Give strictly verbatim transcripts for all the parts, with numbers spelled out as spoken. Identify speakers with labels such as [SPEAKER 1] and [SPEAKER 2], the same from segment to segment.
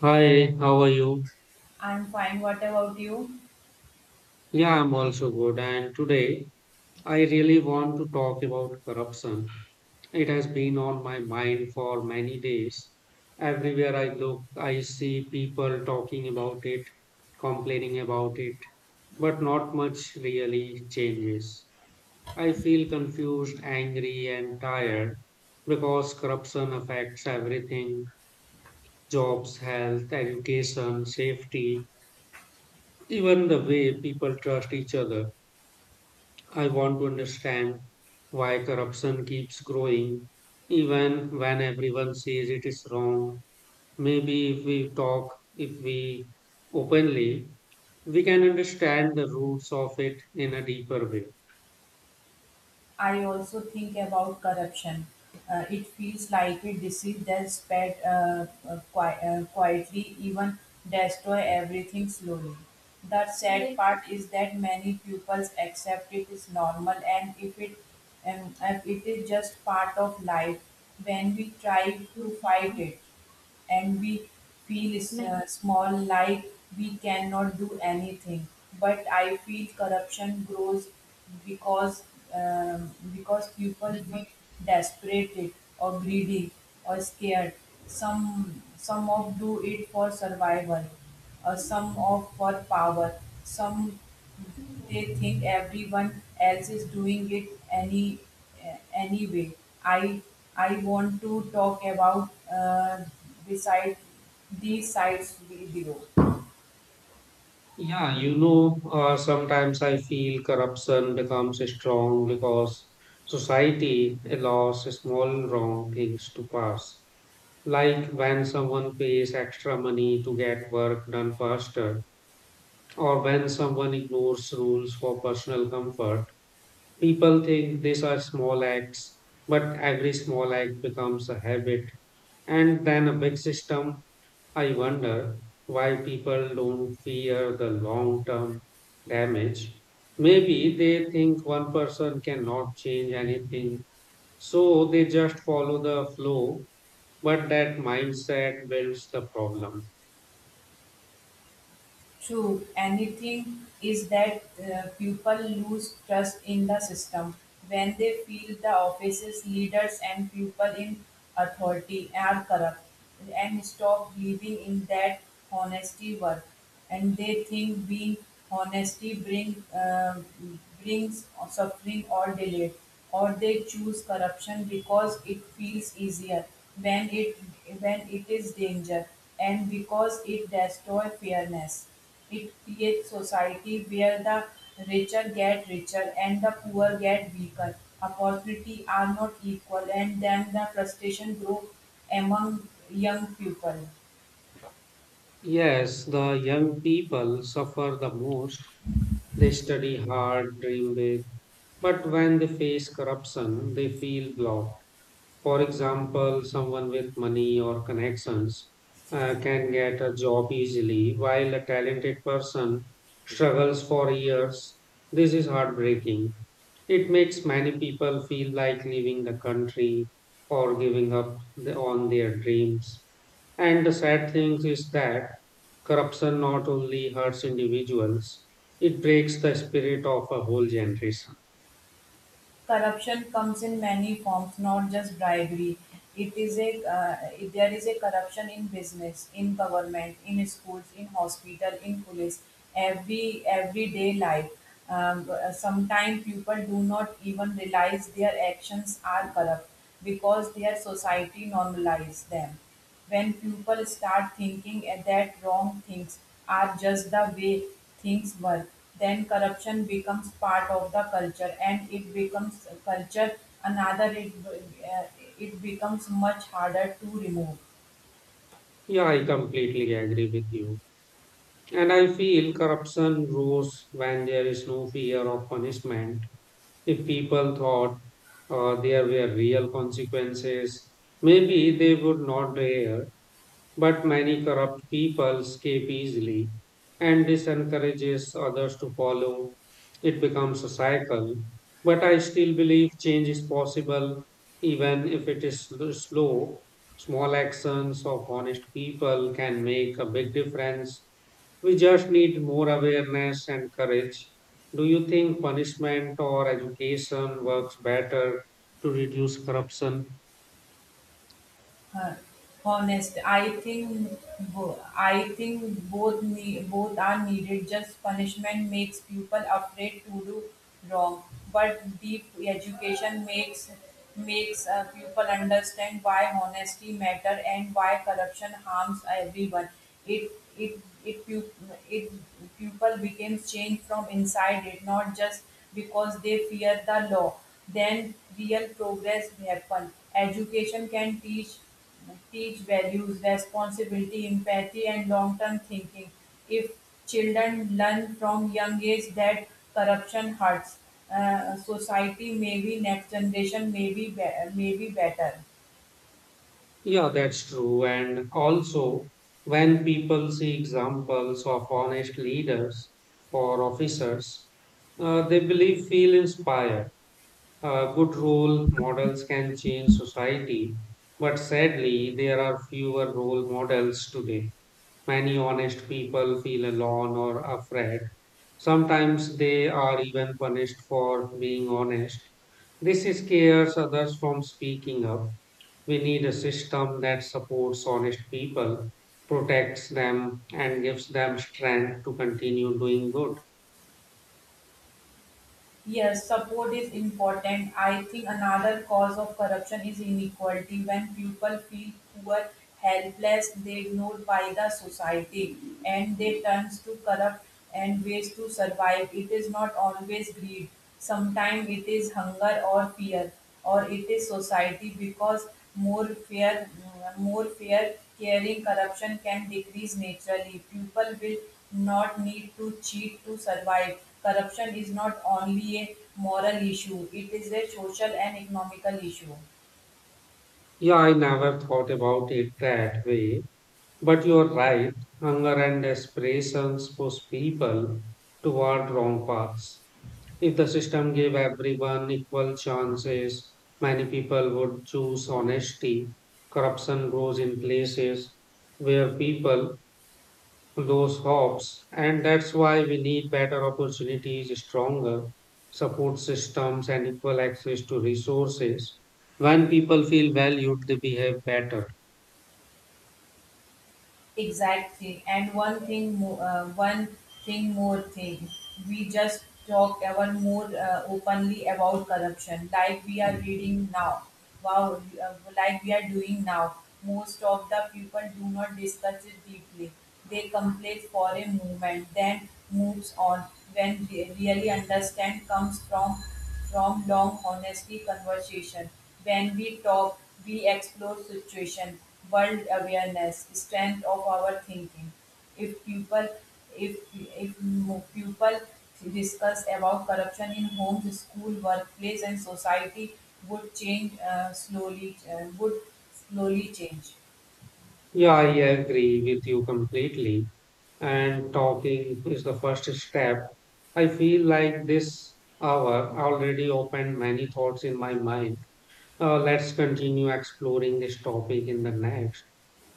[SPEAKER 1] Hi, how are you?
[SPEAKER 2] I'm fine. What about you?
[SPEAKER 1] Yeah, I'm also good. And today I really want to talk about corruption. It has been on my mind for many days. Everywhere I look, I see people talking about it, complaining about it, but not much really changes. I feel confused, angry, and tired because corruption affects everything: jobs, health, education, safety, even the way people trust each other. I want to understand why corruption keeps growing even when everyone says it is wrong. Maybe if we talk, if we openly, we can understand the roots of it in a deeper way.
[SPEAKER 2] I also think about corruption. Uh, it feels like a disease that spread uh, uh, qui- uh, quietly, even destroy everything slowly. The sad part is that many pupils accept it is normal, and if it um, if it is just part of life, when we try to fight it, and we feel s- uh, small like we cannot do anything, but I feel corruption grows because um, because people feel desperate or greedy or scared. Some some of do it for survival, uh, some of for power, some they think everyone else is doing it any uh, anyway. I I want to talk about uh, beside these sites below.
[SPEAKER 1] Yeah, you know, uh, sometimes I feel corruption becomes strong because society allows small wrong things to pass. Like when someone pays extra money to get work done faster, or when someone ignores rules for personal comfort. People think these are small acts, but every small act becomes a habit and then a big system. I wonder why people don't fear the long term damage. Maybe they think one person cannot change anything, so they just follow the flow, but that mindset builds the problem.
[SPEAKER 2] True, anything is that uh, people lose trust in the system when they feel the offices, leaders, and people in authority are corrupt and stop believing in that honesty work. And they think being honesty bring, uh, brings suffering or delay, or they choose corruption because it feels easier when it when it is danger and because it destroys fairness. It creates society where the richer get richer and the poor get weaker. Opportunity are not equal and then the frustration grow among young people.
[SPEAKER 1] Yes, the young people suffer the most. They study hard, dream big, but when they face corruption, they feel blocked. For example, someone with money or connections uh, can get a job easily, while a talented person struggles for years. This is heartbreaking. It makes many people feel like leaving the country or giving up the- on their dreams. And the sad thing is that corruption not only hurts individuals, it breaks the spirit of a whole generation.
[SPEAKER 2] Corruption comes in many forms, not just bribery. It is a uh, it- there is a corruption in business, in government, in schools, in hospital, in police, every everyday life. Um, Sometimes people do not even realize their actions are corrupt because their society normalizes them when people start thinking eh, that wrong things are just the way things were, then corruption becomes part of the culture and it becomes a culture another it, eh, it becomes much harder to remove.
[SPEAKER 1] Yeah, I completely agree with you. And I feel corruption grows when there is no fear of punishment. If people thought uh, there were real consequences, maybe they would not dare. But many corrupt people escape easily, and this encourages others to follow. It becomes a cycle. But I still believe change is possible, even if it is sl- slow. Small actions of honest people can make a big difference. We just need more awareness and courage. Do you think punishment or education works better to reduce corruption?
[SPEAKER 2] Uh, honest i think bo- i think both need, both are needed. Just punishment makes people afraid to do wrong, but deep education makes makes uh, people understand why honesty matter and why corruption harms everyone. It it it pu- it people becomes change from inside, it not just because they fear the law, then real progress happen. Education can teach teach values, responsibility, empathy, and long term thinking. If children learn from young age that corruption hurts, uh, society, maybe next generation, maybe be- maybe better.
[SPEAKER 1] Yeah, that's true. And also, when people see examples of honest leaders or officers, uh, they believe feel inspired. Uh, good role models can change society, but sadly, there are fewer role models today. Many honest people feel alone or afraid. Sometimes they are even punished for being honest. This scares others from speaking up. We need a system that supports honest people, protects them, and gives them strength to continue doing good.
[SPEAKER 2] Yes, support is important. I think another cause of corruption is inequality. When people feel poor, helpless, they ignored by the society and they turn to corrupt and ways to survive. It is not always greed. Sometimes it is hunger or fear, or it is society. Because more fear, more fair caring, corruption can decrease naturally. People will not need to cheat to survive. Corruption is not only a moral issue, it is a social and economical issue.
[SPEAKER 1] Yeah, I never thought about it that way. But you're right, hunger and aspirations push people toward wrong paths. If the system gave everyone equal chances, many people would choose honesty. Corruption grows in places where people lose hopes, and that's why we need better opportunities, stronger support systems, and equal access to resources. When people feel valued, they behave better.
[SPEAKER 2] Exact thing, and one thing more, uh, one thing more thing, we just talked ever more uh, openly about corruption like we are reading now. wow uh, like we are doing now, most of the people do not discuss it deeply. They complain for a moment then moves on. When they really understand comes from from long honesty conversation. When we talk, we explore situation, world awareness, strength of our thinking. If people, if if mo- people discuss about corruption in homes, school, workplace, and society, would change uh, slowly uh, would slowly change.
[SPEAKER 1] Yeah, I agree with you completely. And talking is the first step. I feel like this hour already opened many thoughts in my mind. Uh, let's continue exploring this topic in the next.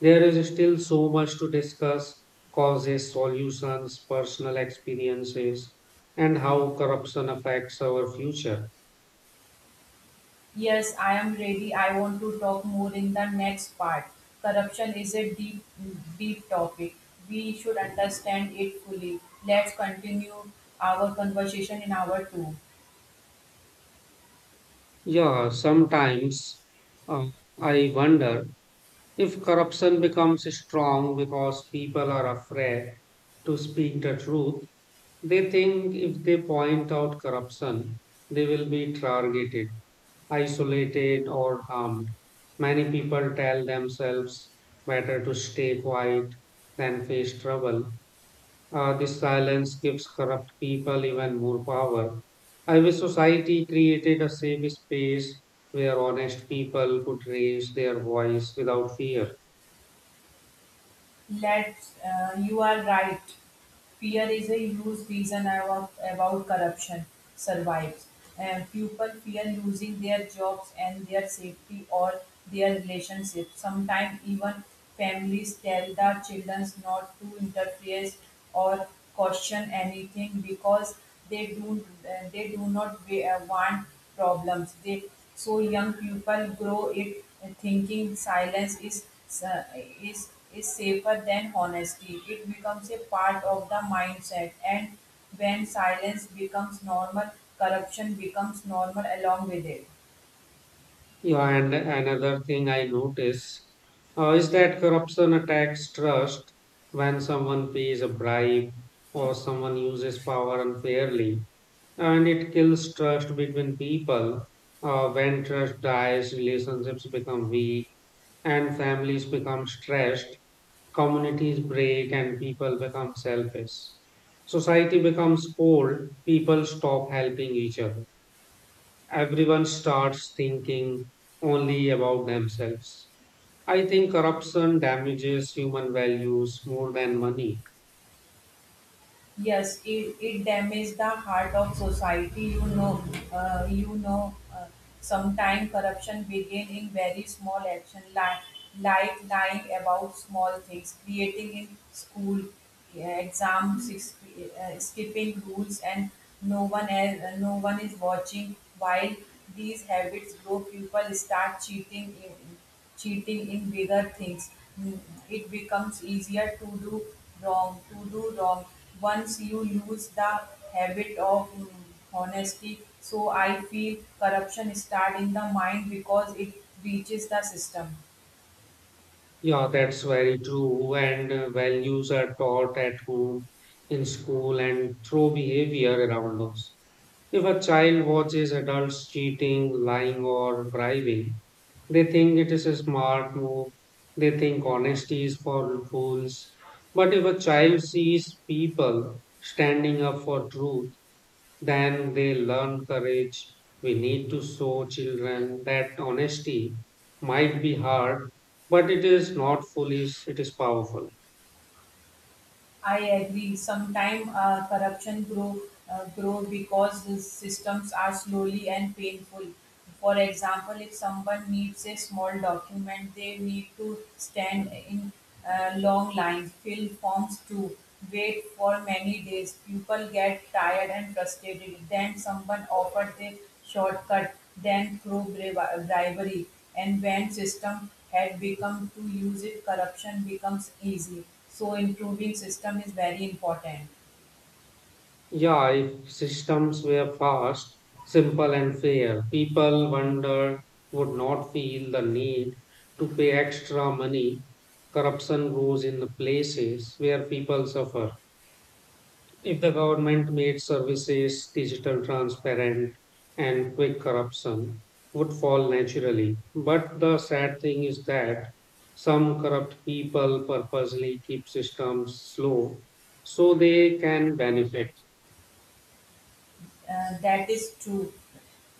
[SPEAKER 1] There is still so much to discuss: causes, solutions, personal experiences, and how corruption affects our future.
[SPEAKER 2] Yes, I am ready. I want to talk more in the next part. Corruption is a deep, deep topic. We should understand it fully. Let's continue our conversation in hour two.
[SPEAKER 1] Yeah, sometimes uh, I wonder if corruption becomes strong because people are afraid to speak the truth. They think if they point out corruption, they will be targeted, isolated, or harmed. Many people tell themselves better to stay quiet than face trouble. Uh, this silence gives corrupt people even more power. I wish society created a safe space where honest people could raise their voice without fear.
[SPEAKER 2] Let's, uh, you are right. Fear is a huge reason about, about corruption survives. And people fear losing their jobs and their safety or their relationships. Sometimes even families tell their children not to interfere or question anything because they do they do not wa- want problems. They so young people grow it thinking silence is is is safer than honesty. It becomes a part of the mindset, and when silence becomes normal, corruption becomes normal along with it.
[SPEAKER 1] Yeah, and another thing I notice uh, is that corruption attacks trust. When someone pays a bribe or someone uses power unfairly, and it kills trust between people. Uh, when trust dies, relationships become weak, and families become stressed, communities break, and people become selfish. Society becomes cold, people stop helping each other, everyone starts thinking only about themselves. I think corruption damages human values more than money.
[SPEAKER 2] Yes, it, it damages the heart of society. You know, uh, you know. Uh, Sometimes corruption begin in very small action, like, like lying about small things, creating in school, yeah, exams, ex- uh, skipping rules, and no one else, uh, no one is watching. While these habits grow, people start cheating cheating in bigger things. Mm, It becomes easier to do wrong, to do wrong once you lose the habit of mm, honesty. So I feel corruption start in the mind because it reaches the system.
[SPEAKER 1] Yeah, that's very true. And uh, values are taught at home, in school, and through behavior around us. If a child watches adults cheating, lying, or bribing, they think it is a smart move. They think honesty is for fools. But if a child sees people standing up for truth, then they learn courage. We need to show children that honesty might be hard, but it is not foolish, it is powerful.
[SPEAKER 2] I agree. Sometimes uh, corruption grow uh, grow because the systems are slowly and painful. For example, if someone needs a small document, they need to stand in uh, long lines, fill forms too, wait for many days. People get tired and frustrated. Then someone offers a shortcut, then through bri- bribery. And when system had become to use it, corruption becomes easy. So improving system is very important.
[SPEAKER 1] Yeah, if systems were fast, simple, and fair, people wonder would not feel the need to pay extra money. Corruption grows in the places where people suffer. If the government made services digital, transparent, and quick, corruption would fall naturally. But the sad thing is that some corrupt people purposely keep systems slow so they can benefit.
[SPEAKER 2] Uh, that is true.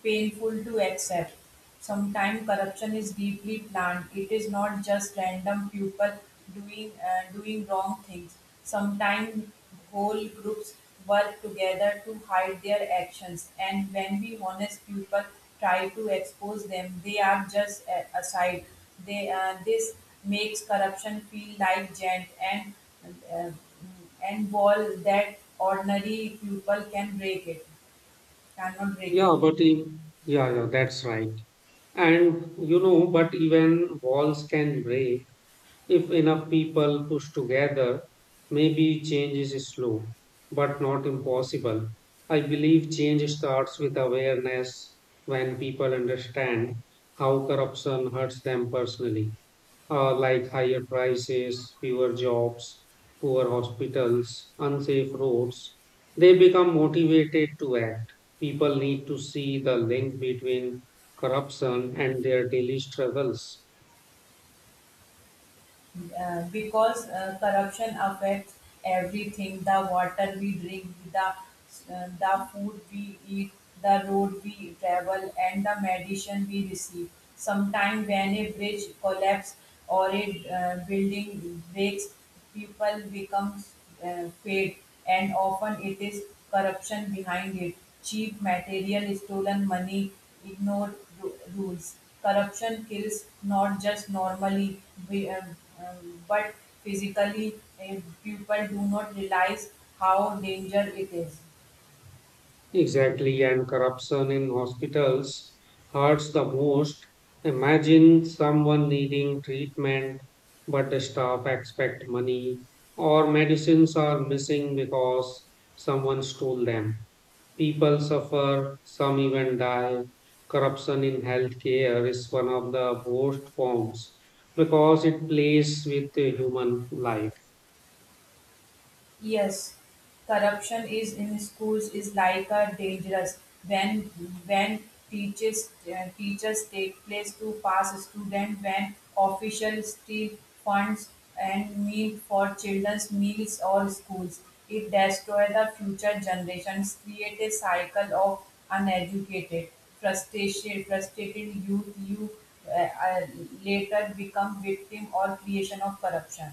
[SPEAKER 2] Painful to accept. Sometimes corruption is deeply planned. It is not just random people doing uh, doing wrong things. Sometimes whole groups work together to hide their actions. And when we honest people try to expose them, they are just a- aside. They uh, this makes corruption feel like giant and uh, and wall that ordinary people can break it cannot break
[SPEAKER 1] Yeah,
[SPEAKER 2] it.
[SPEAKER 1] but if, yeah, yeah, that's right. And you know, but even walls can break if enough people push together. Maybe change is slow, but not impossible. I believe change starts with awareness. When people understand how corruption hurts them personally, uh, like higher prices, fewer jobs, poor hospitals, unsafe roads, they become motivated to act. People need to see the link between corruption and their daily struggles.
[SPEAKER 2] Uh, because uh, Corruption affects everything: the water we drink, the uh, the food we eat, the road we travel, and the medicine we receive. Sometimes when a bridge collapses or a uh, building breaks, people becomes uh, paid, and often it is corruption behind it: cheap material, stolen money, ignored ru- rules. Corruption kills, not just normally, be- um, um, but physically. uh, People do not realize how danger it is.
[SPEAKER 1] Exactly, and corruption in hospitals hurts the most. Imagine someone needing treatment, but the staff expect money, or medicines are missing because someone stole them. People suffer, some even die. Corruption in healthcare is one of the worst forms because it plays with the human life.
[SPEAKER 2] Yes, corruption is in schools is like a dangerous. When when teachers uh, teachers take place to pass student, when officials steal funds and meal for children's meals or schools. It destroys the future generations, create a cycle of uneducated, frustrated, frustrated youth. You uh, uh, Later become victim or creation of corruption.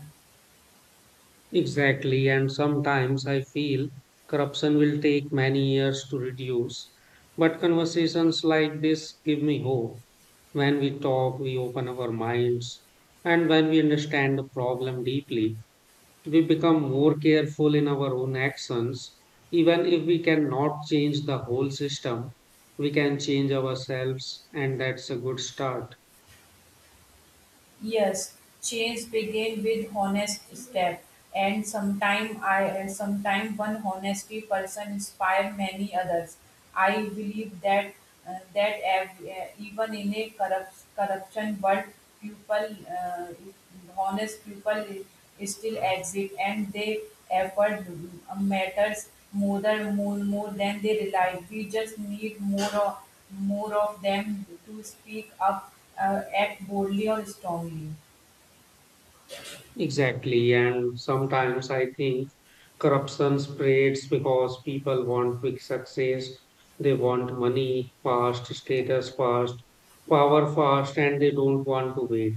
[SPEAKER 1] Exactly, and sometimes I feel corruption will take many years to reduce. But conversations like this give me hope. When we talk, we open our minds, and when we understand the problem deeply, we become more careful in our own actions. Even if we cannot change the whole system, we can change ourselves, and that's a good start.
[SPEAKER 2] Yes, change begin with honest step, and sometime I sometime one honesty person inspire many others. I believe that uh, that ev- uh, even in a corrupt, corruption world, people uh, honest people still exist and they effort matters more than more, more than they realize. We just need more of, more of them to speak up, uh, act boldly or strongly.
[SPEAKER 1] Exactly, and sometimes I think corruption spreads because people want quick success. They want money fast, status fast, power fast, and they don't want to wait,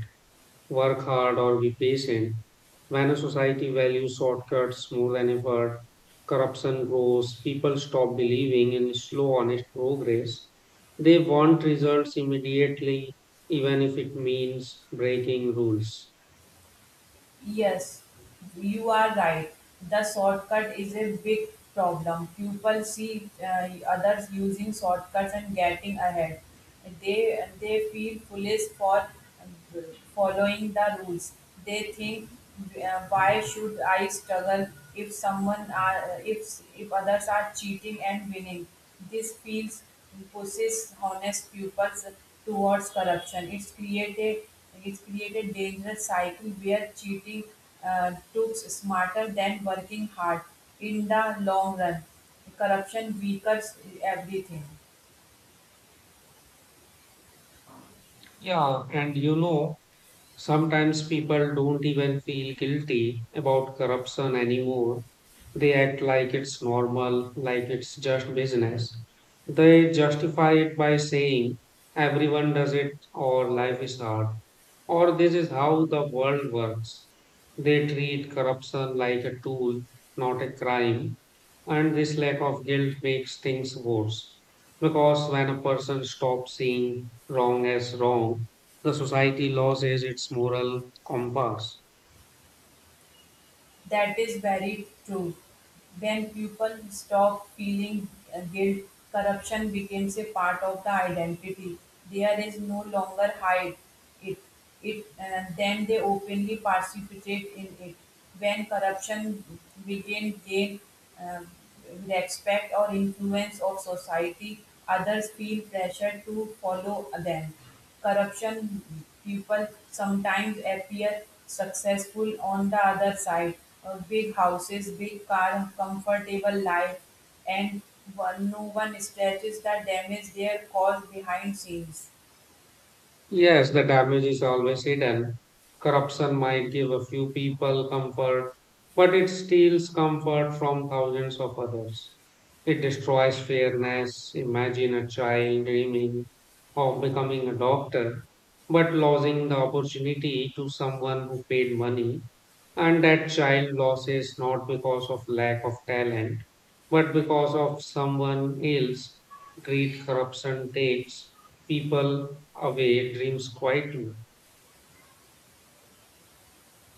[SPEAKER 1] work hard, or be patient. When a society values shortcuts more than effort, corruption grows, people stop believing in slow, honest progress. They want results immediately, even if it means breaking rules.
[SPEAKER 2] Yes, you are right. The shortcut is a big problem. People see uh, others using shortcuts and getting ahead. They they feel foolish for following the rules. They think, uh, why should I struggle if someone are if if others are cheating and winning? This feels pushes honest pupils towards corruption. It's created like it's created dangerous cycle where cheating uh, looks smarter than working hard in the long run. Corruption weakens everything.
[SPEAKER 1] Yeah, and you know, sometimes people don't even feel guilty about corruption anymore. They act like it's normal, like it's just business. They justify it by saying everyone does it, or life is hard, or this is how the world works. They treat corruption like a tool, not a crime. And this lack of guilt makes things worse, because when a person stops seeing wrong as wrong, the society loses its moral compass.
[SPEAKER 2] That is very true. When people stop feeling uh, guilt, corruption becomes a part of the identity. There is no longer hide it. It uh, then they openly participate in it. When corruption begin gain uh, respect or influence of society, others feel pressure to follow them. Corruption people sometimes appear successful on the other side. Uh, big houses, big car, comfortable life, and one, no one stretches the damage they cause behind scenes.
[SPEAKER 1] Yes, the damage is always hidden. Corruption might give a few people comfort, but it steals comfort from thousands of others. It destroys fairness. Imagine a child dreaming of becoming a doctor, but losing the opportunity to someone who paid money. And that child loses not because of lack of talent but because of someone else, greed. Corruption takes people away dreams quietly.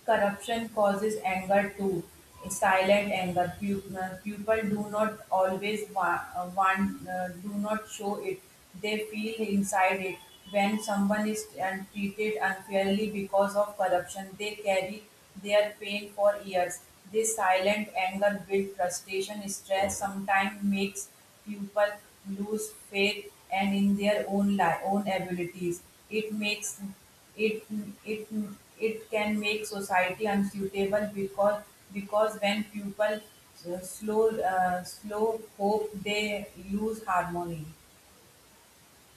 [SPEAKER 2] Corruption causes anger too, silent anger. Pu- uh, People do not always wa- uh, want, uh, do not show it. They feel inside it. When someone is uh, treated unfairly because of corruption, they carry their pain for years. This silent anger builds frustration, stress, sometimes makes people lose faith and in their own li- own abilities. It makes it it it can make society unsuitable because because when people uh, slow uh, slow hope they lose harmony.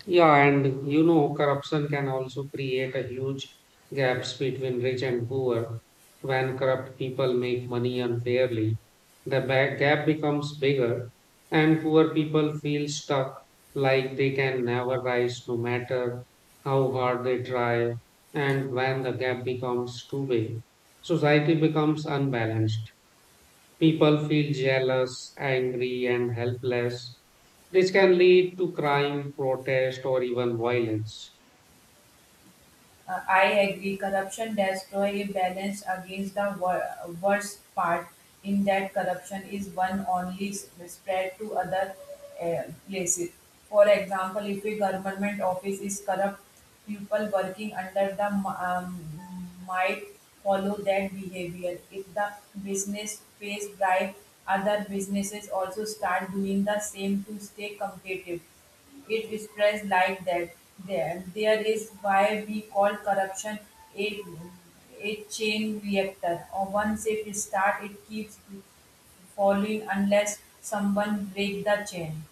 [SPEAKER 1] Yeah, and you know, corruption can also create a huge gaps between rich and poor. When corrupt people make money unfairly, the ba- gap becomes bigger, and poor people feel stuck, like they can never rise no matter how hard they try. And when the gap becomes too big, society becomes unbalanced. People feel jealous, angry, and helpless. This can lead to crime, protest, or even violence.
[SPEAKER 2] Uh, I agree. Corruption destroys a balance against the wor- worst part in that corruption is one only s- spread to other uh, places. For example, if a government office is corrupt, people working under the m- um, might follow that behavior. If the business pays bribe, other businesses also start doing the same to stay competitive. It spreads like that. There, there is why we call corruption a a chain reactor. Or once it starts, it keeps falling unless someone break the chain.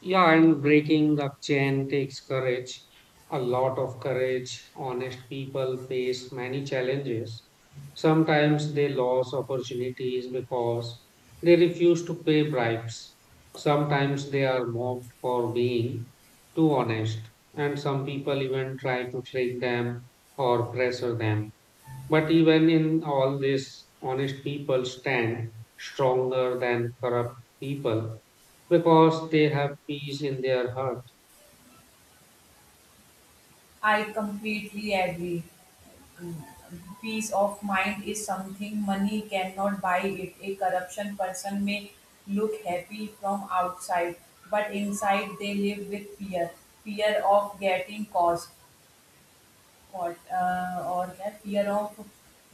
[SPEAKER 1] Yeah, and breaking the chain takes courage, a lot of courage. Honest people face many challenges. Sometimes they lose opportunities because they refuse to pay bribes. Sometimes they are mocked for being too honest, and some people even try to trick them or pressure them. But even in all this, honest people stand stronger than corrupt people because they have peace in their heart.
[SPEAKER 2] I completely agree. Mm, Peace of mind is something money cannot buy it. A corruption person may look happy from outside, but inside they live with fear, fear of getting caught, what uh, or that fear of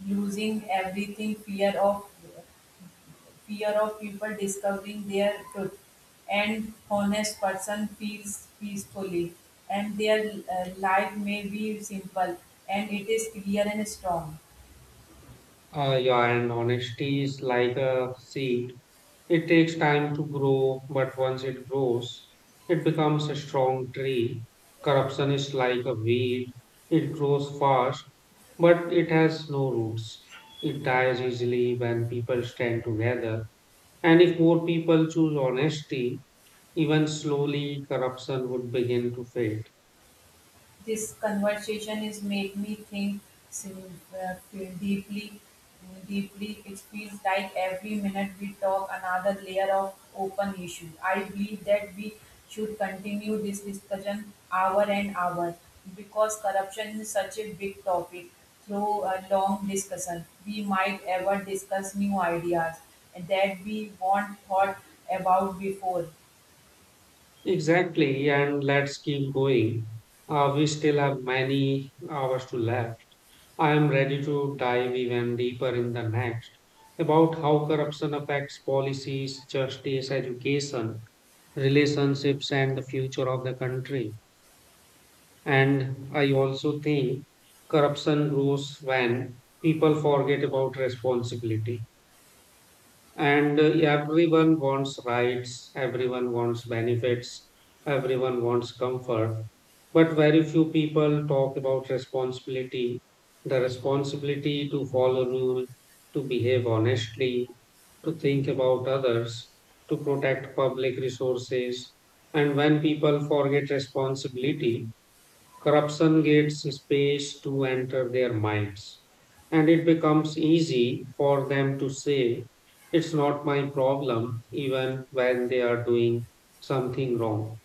[SPEAKER 2] losing everything, fear of fear of people discovering their truth. And honest person feels peacefully, and their uh, life may be simple and it is clear and strong.
[SPEAKER 1] Uh, yeah, and honesty is like a seed. It takes time to grow, but once it grows, it becomes a strong tree. Corruption is like a weed. It grows fast, but it has no roots. It dies easily when people stand together. And if more people choose honesty, even slowly, corruption would begin to fade.
[SPEAKER 2] This conversation is made me think sim- uh, feel deeply deeply. It feels like every minute we talk another layer of open issue. I believe that we should continue this discussion hour and hour, because corruption is such a big topic. Through a long discussion we might ever discuss new ideas that we weren't thought about before.
[SPEAKER 1] Exactly, and let's keep going. Uh, we still have many hours to left. I am ready to dive even deeper in the next about how corruption affects policies, justice, education, relationships, and the future of the country. And I also think corruption grows when people forget about responsibility. And uh, everyone wants rights, everyone wants benefits, everyone wants comfort. But very few people talk about responsibility: the responsibility to follow rule, to behave honestly, to think about others, to protect public resources. And when people forget responsibility, corruption gets space to enter their minds, and it becomes easy for them to say, "It's not my problem," even when they are doing something wrong.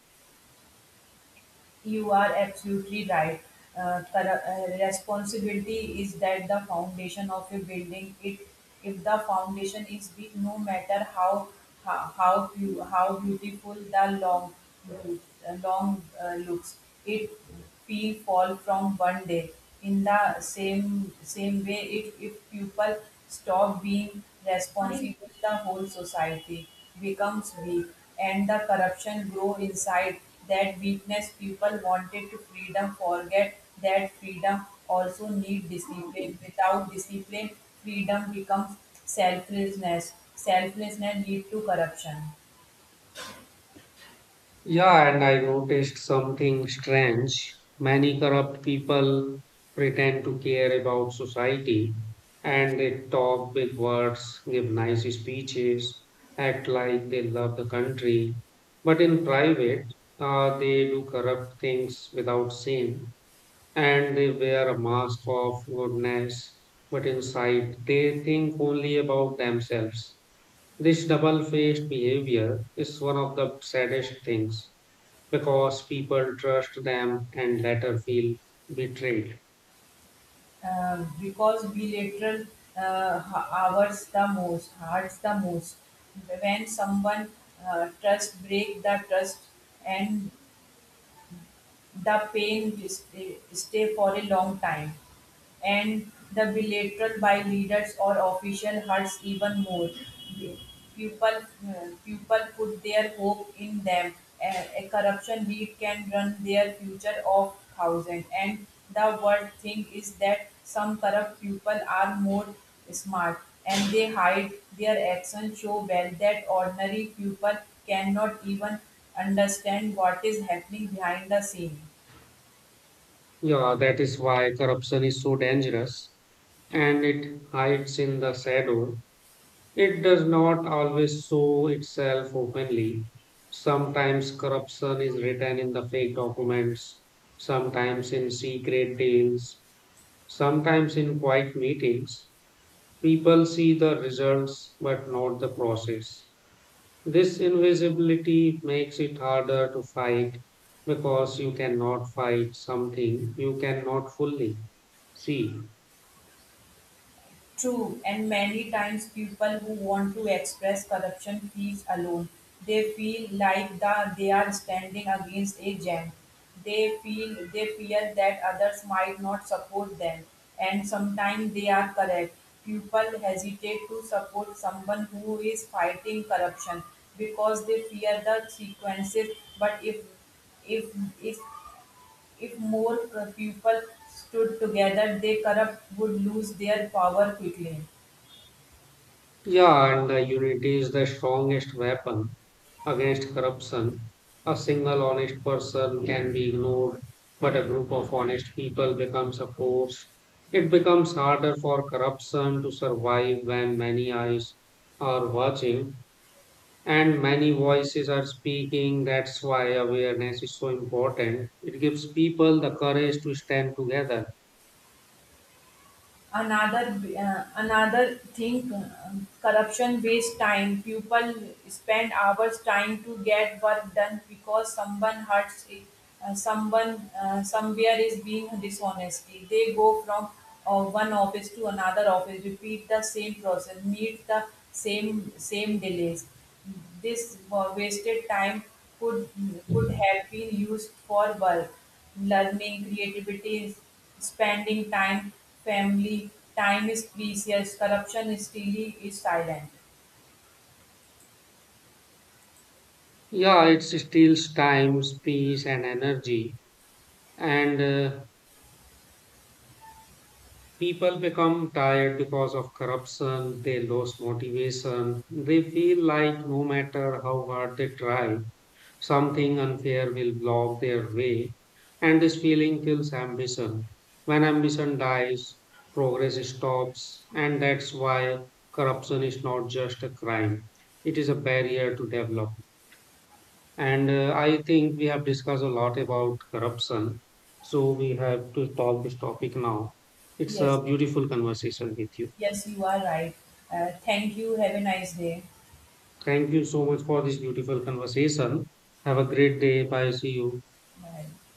[SPEAKER 2] You are absolutely right. Uh, corru- uh, responsibility is that the foundation of a building. It, if the foundation is weak, no matter how how how, beau- how beautiful the long uh, long uh, looks, it will fall from one day. In the same same way, if if people stop being responsible, the whole society becomes weak, and the corruption grow inside that weakness. People wanted to freedom forget that freedom also need discipline. Without discipline, freedom becomes selflessness. Selflessness lead to corruption.
[SPEAKER 1] Yeah, and I noticed something strange. Many corrupt people pretend to care about society, and they talk big words, give nice speeches, act like they love the country. But in private, uh, they do corrupt things without shame, and they wear a mask of goodness, but inside they think only about themselves. This double-faced behavior is one of the saddest things because people trust them and later feel betrayed.
[SPEAKER 2] Uh, because bilateral uh, h- hours the most hurts the most when someone uh, trust break the trust, and the pain just stay stay for a long time, and the bilateral by leaders or official hurts even more. People, uh, people put their hope in them. A, a corruption lead can run their future of thousand. And the worst thing is that some corrupt people are more smart, and they hide their actions so well that ordinary people cannot even understand what is happening behind the scene.
[SPEAKER 1] Yeah, that is why corruption is so dangerous, and it hides in the shadow. It does not always show itself openly. Sometimes corruption is written in the fake documents, sometimes in secret deals, sometimes in quiet meetings. People see the results but not the process. This invisibility makes it harder to fight because you cannot fight something you cannot fully see.
[SPEAKER 2] True, and many times people who want to express corruption feels alone. They feel like the, they are standing against a giant. They feel they fear that others might not support them, and sometimes they are correct. People hesitate to support someone who is fighting corruption because they fear the consequences. But if if if if more people stood together, the corrupt would lose their power quickly.
[SPEAKER 1] Yeah, and the unity is the strongest weapon against corruption. A single honest person can be ignored, but a group of honest people becomes a force. It becomes harder for corruption to survive when many eyes are watching and many voices are speaking. That's why awareness is so important. It gives people the courage to stand together.
[SPEAKER 2] Another uh, another thing, uh, corruption wastes time. People spend hours trying to get work done because someone hurts it, uh, someone uh, somewhere is being dishonesty. They go from uh, one office to another office, repeat the same process, meet the same same delays. This wa- wasted time could could have been used for work, learning, creativity, spending time, family. Time is precious. Corruption is still is silent.
[SPEAKER 1] Yeah, it steals time, space, and energy. And uh, people become tired because of corruption, they lose motivation, they feel like no matter how hard they try, something unfair will block their way, and this feeling kills ambition. When ambition dies, progress stops, and that's why corruption is not just a crime, it is a barrier to development. And uh, I think we have discussed a lot about corruption. So we have to talk this topic now. It's a
[SPEAKER 2] Yes,
[SPEAKER 1] beautiful conversation with you.
[SPEAKER 2] yes, you are right. Uh, thank you. Have a nice day.
[SPEAKER 1] Thank you so much for this beautiful conversation. Have a great day. Bye. See you.
[SPEAKER 2] Bye.